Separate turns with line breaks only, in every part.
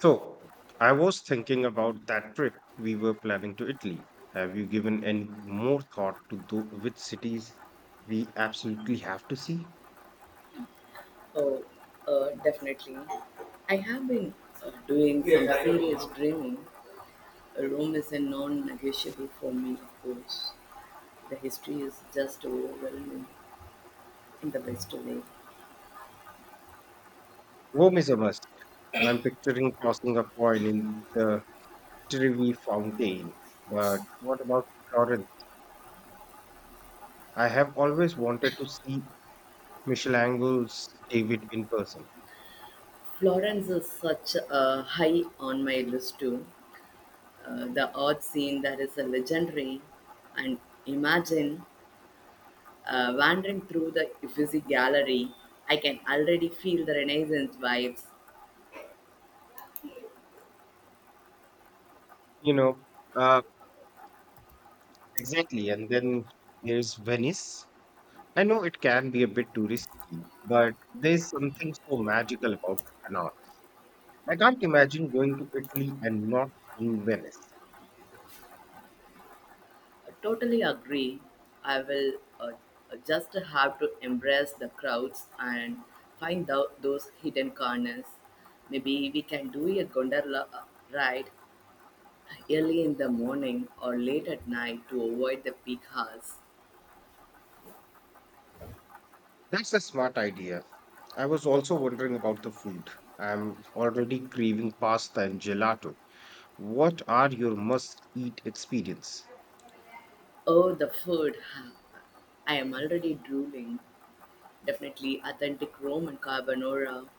So, I was thinking about that trip we were planning to Italy. Have you given any more thought to which cities we absolutely have to see?
Oh, definitely. I have been doing some serious dreaming. A room is a non-negotiable for me, of course. The history is just overwhelming in the best way.
Rome is a must. I'm picturing tossing a coin in the Trevi fountain. But what about Florence? I have always wanted to see Michelangelo's David in person.
Florence is such a high on my list too. The art scene that is a legendary, and imagine wandering through the Uffizi Gallery. I can already feel the Renaissance vibes.
You know, uh, exactly. And then there's Venice. I know it can be a bit touristy, but there's something so magical about the canal. I can't imagine going to Italy and not seeing Venice.
I totally agree. I will uh, just have to embrace the crowds and find out those hidden corners. Maybe we can do a gondola ride early in the morning or late at night to avoid the peak hours.
That's a smart idea. I was also wondering about the food. I'm already craving pasta and gelato. What are your must-eat experience?
Oh, the food. I am already drooling. Definitely authentic Roman carbonara.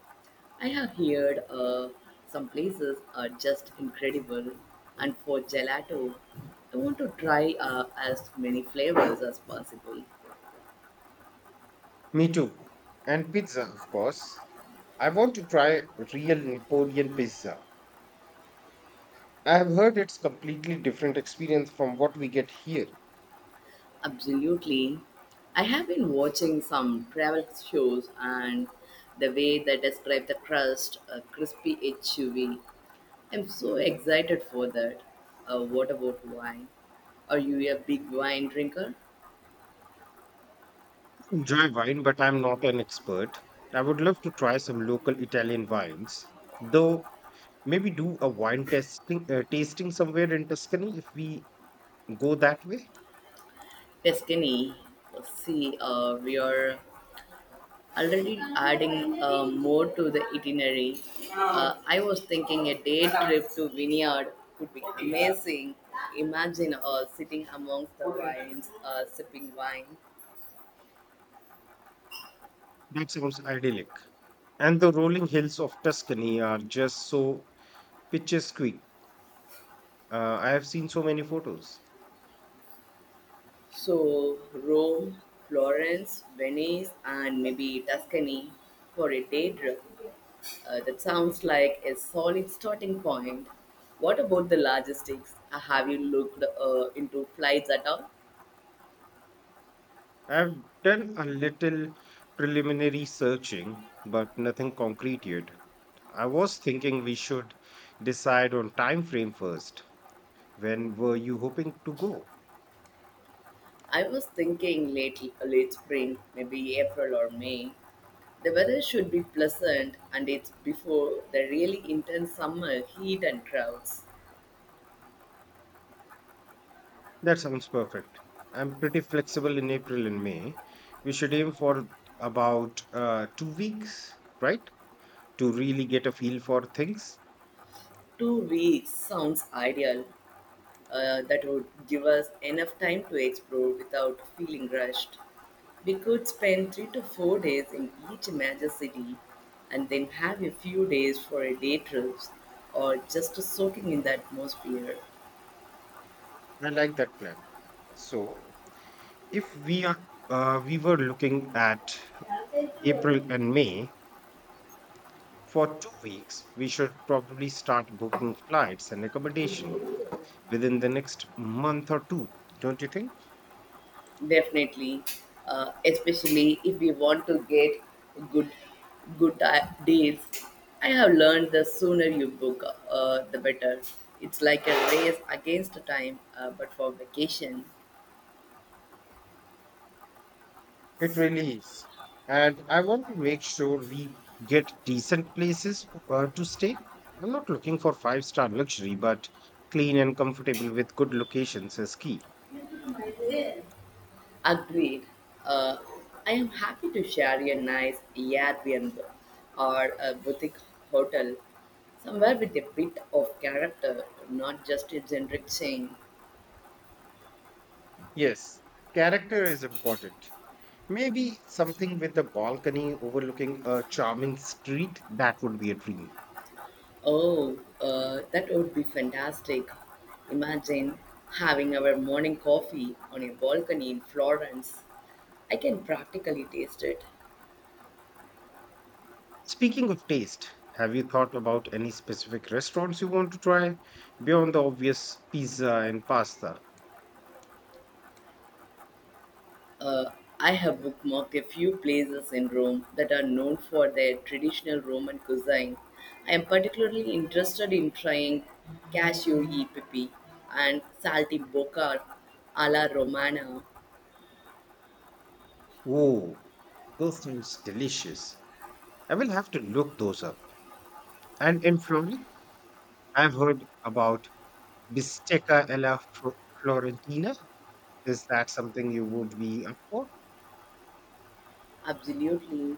I have heard some places are just incredible. And for gelato, I want to try as many flavors as possible.
Me too. And pizza, of course. I want to try real Napoleon pizza. I have heard it's completely different experience from what we get here.
Absolutely. I have been watching some travel shows and the way they describe the crust, crispy, and chewy. I'm so excited for that. What about wine? Are you a big wine drinker?
Enjoy wine, but I'm not an expert. I would love to try some local Italian wines, though maybe do a wine testing tasting somewhere in Tuscany if we go that way.
Tuscany, see, we are already adding more to the itinerary. I was thinking a day trip to vineyard could be amazing. Imagine sitting amongst the vines, sipping wine.
That sounds idyllic. And the rolling hills of Tuscany are just so picturesque. I have seen so many photos.
So, Rome, Florence, Venice, and maybe Tuscany for a day trip. That sounds like a solid starting point. What about the logistics? Have you looked into flights at all?
I've done a little preliminary searching, but nothing concrete yet. I was thinking we should decide on time frame first. When were you hoping to go?
I was thinking late spring, maybe April or May. The weather should be pleasant and it's before the really intense summer heat and crowds.
That sounds perfect. I'm pretty flexible in April and May. We should aim for about 2 weeks, right? To really get a feel for things.
2 weeks sounds ideal. That would give us enough time to explore without feeling rushed. We could spend 3 to 4 days in each major city and then have a few days for a day trips or just soaking in the atmosphere.
I like that plan. So, if we are we were looking at April and May for 2 weeks, we should probably start booking flights and accommodation within the next month or two, don't you think?
Definitely, especially if we want to get good deals. I have learned the sooner you book, the better. It's like a race against time, but for vacation.
It really is. And I want to make sure we get decent places to stay. I'm not looking for five-star luxury, but clean and comfortable with good locations is key.
Agreed. Uh, I am happy to share a nice Airbnb or a boutique hotel somewhere with a bit of character, not just a generic chain.
Yes, character is important. Maybe something with a balcony overlooking a charming street, that would be a dream.
Oh, that would be fantastic. Imagine having our morning coffee on a balcony in Florence. I can practically taste it.
Speaking of taste, have you thought about any specific restaurants you want to try beyond the obvious pizza and pasta?
Uh, I have bookmarked a few places in Rome that are known for their traditional Roman cuisine. I am particularly interested in trying cashew e pepe and salty bocca alla romana.
Oh, those sounds delicious. I will have to look those up. And in Florence, I've heard about bistecca alla Florentina. Is that something you would be up for?
Absolutely.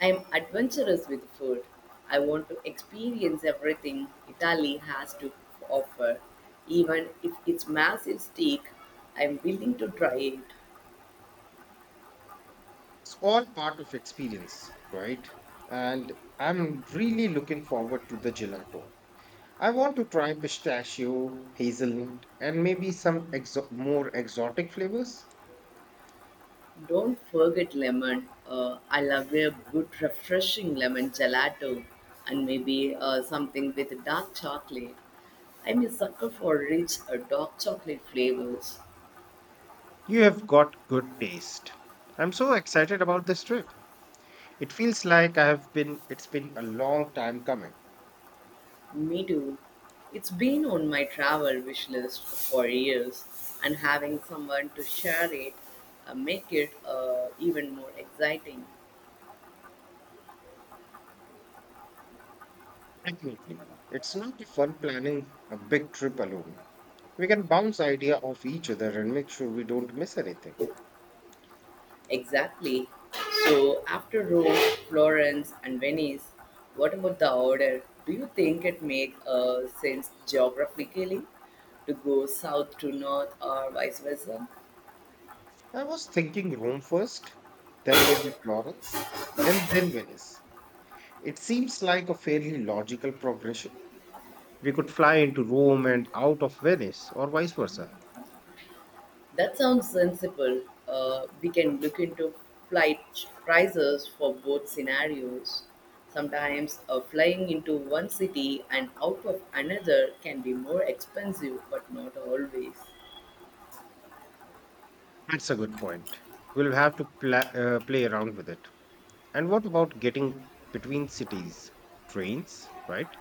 I am adventurous with food. I want to experience everything Italy has to offer. Even if it's massive steak, I am willing to try it.
It's all part of experience, right? And I'm really looking forward to the gelato. I want to try pistachio, hazelnut, and maybe some more exotic flavors.
Don't forget lemon. I love a good, refreshing lemon gelato and maybe something with dark chocolate. I'm a sucker for rich, dark chocolate flavors.
You have got good taste. I'm so excited about this trip. It feels like I have been it's been a long time coming.
Me too. It's been on my travel wish list for years, and having someone to share it make it even more exciting.
Definitely. It's not fun planning a big trip alone. We can bounce idea off each other and make sure we don't miss anything.
Exactly. So after Rome, Florence, and Venice, what about the order? Do you think it makes sense geographically to go south to north or vice versa?
I was thinking Rome first, then maybe Florence, and then Venice. It seems like a fairly logical progression. We could fly into Rome and out of Venice, or vice versa.
That sounds sensible. We can look into flight prices for both scenarios. Sometimes flying into one city and out of another can be more expensive, but not always.
That's a good point. We'll have to play around with it. And what about getting between cities? Trains, right?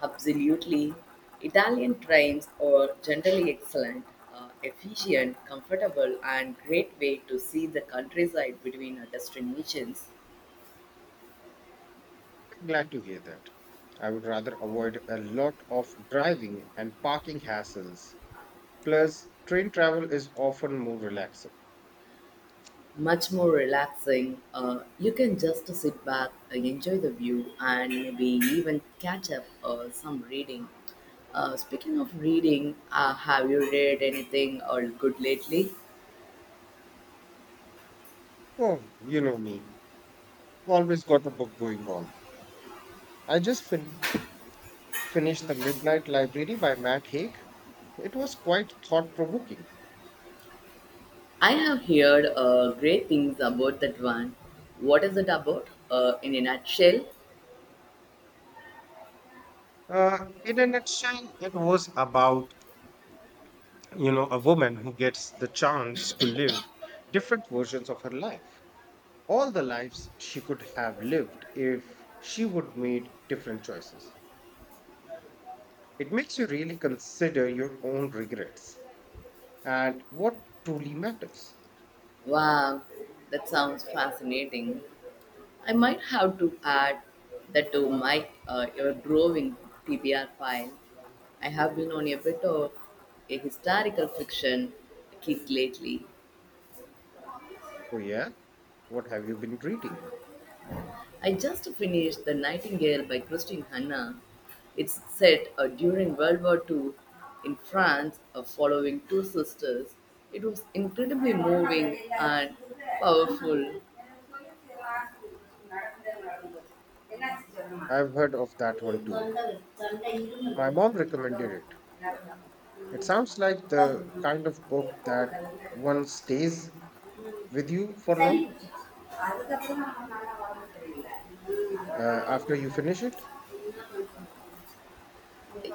Absolutely. Italian trains are generally excellent, efficient, comfortable, and great way to see the countryside between our destinations.
Glad to hear that. I would rather avoid a lot of driving and parking hassles. Plus, train travel is often more relaxing.
Much more relaxing. You can just sit back, enjoy the view, and maybe even catch up some reading. Speaking of reading, have you read anything or good lately?
Oh, you know me. Always got a book going on. I just finished The Midnight Library by Matt Haig. It was quite thought provoking.
I have heard great things about that one. What is it about in a nutshell?
Uh, in a nutshell, it was about, a woman who gets the chance to live different versions of her life, all the lives she could have lived if she would made different choices. It makes you really consider your own regrets and what truly matters.
Wow, that sounds fascinating. I might have to add that to my your growing TBR file. I have been on a bit of a historical fiction kick lately.
Oh yeah, what have you been reading?
I just finished The Nightingale by Christine Hanna. It's set during World War II in France, following two sisters. It was incredibly moving and powerful.
I've heard of that one too. My mom recommended it. It sounds like the kind of book that one stays with you for
சளி
long
பிடிச்சிச்சு அதுக்கப்புறம் நம்ம நல்லா உடம்பு சரியில்லை.
after you finish it.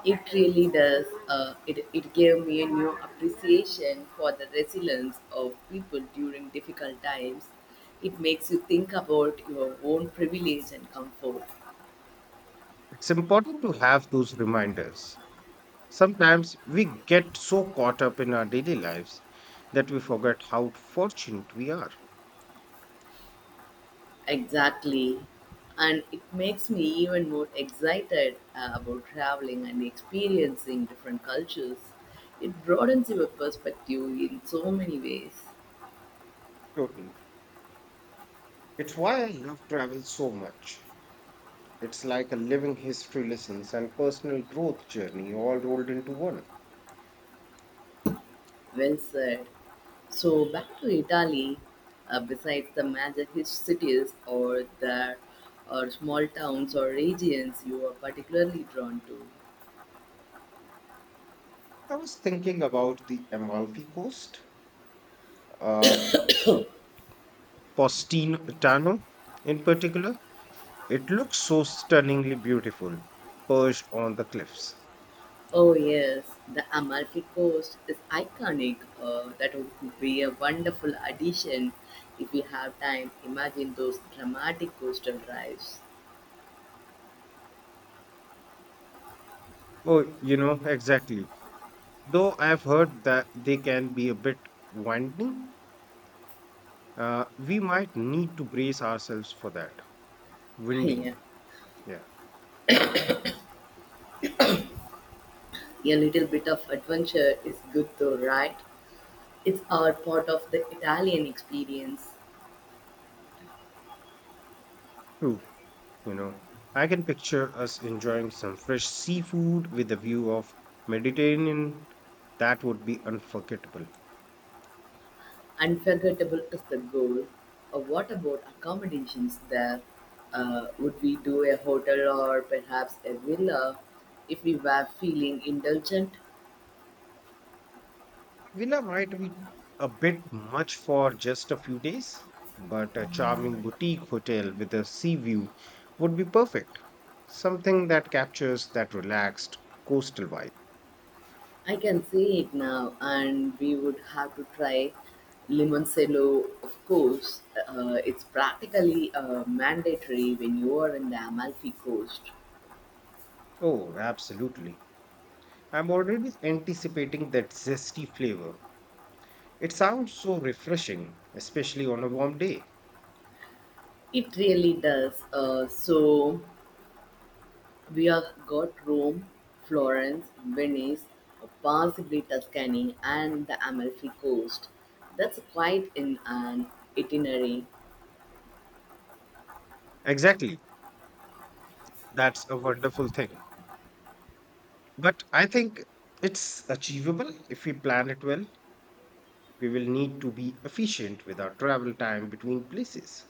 It really does. It gave me a new appreciation for the resilience of people during difficult times. It makes you think about your own privilege and comfort.
It's important to have those reminders. Sometimes we get so caught up in our daily lives that we forget how fortunate we are.
Exactly. And it makes me even more excited about traveling and experiencing different cultures. It broadens your perspective in so many ways.
Totally. It's why I love travel so much. It's like a living history lessons and personal growth journey all rolled into one.
Well said. So, back to Italy, besides the major cities or small towns or regions you are particularly drawn to.
I was thinking about the Amalfi Coast, uh, Positano in particular. It looks so stunningly beautiful, perched on the cliffs.
Oh yes, the Amalfi Coast is iconic. That would be a wonderful addition if you have time. Imagine those dramatic coastal drives.
Oh, exactly. Though I've heard that they can be a bit winding, we might need to brace ourselves for that.
Yeah,
Winding. Yeah,
a little bit of adventure is good though, right? It's all part of the Italian experience.
true. You know, I can picture us enjoying some fresh seafood with a view of Mediterranean. That would be unforgettable.
Unforgettable is the goal. What about accommodations there? Would we do a hotel or perhaps a villa if we were feeling indulgent?
Villa might be a bit much for just a few days, but a charming boutique hotel with a sea view would be perfect. Something that captures that relaxed coastal vibe.
I can see it now, and we would have to try limoncello, of course. It's practically mandatory when you are in the Amalfi Coast.
Oh, absolutely. I'm already anticipating that zesty flavor. It sounds so refreshing, especially on a warm day.
It really does. So we have got Rome, Florence, Venice, possibly Tuscany, and the Amalfi Coast. That's quite an itinerary.
Exactly. That's a wonderful thing. But I think it's achievable if we plan it well. We will need to be efficient with our travel time between places.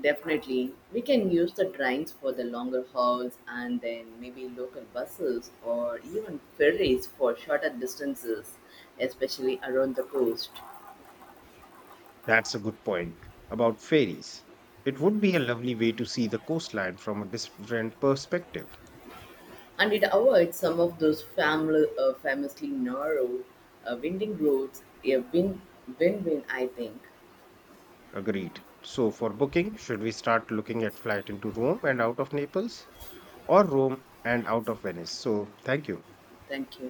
Definitely. We can use the trains for the longer hauls and then maybe local buses or even ferries for shorter distances, especially around the coast.
That's a good point about ferries. It would be a lovely way to see the coastline from a different perspective.
And it avoids some of those famously narrow, winding roads. A win, win, win, I think.
Agreed. So, for booking, should we start looking at flight into Rome and out of Naples, or Rome and out of Venice? So, thank you.
Thank you.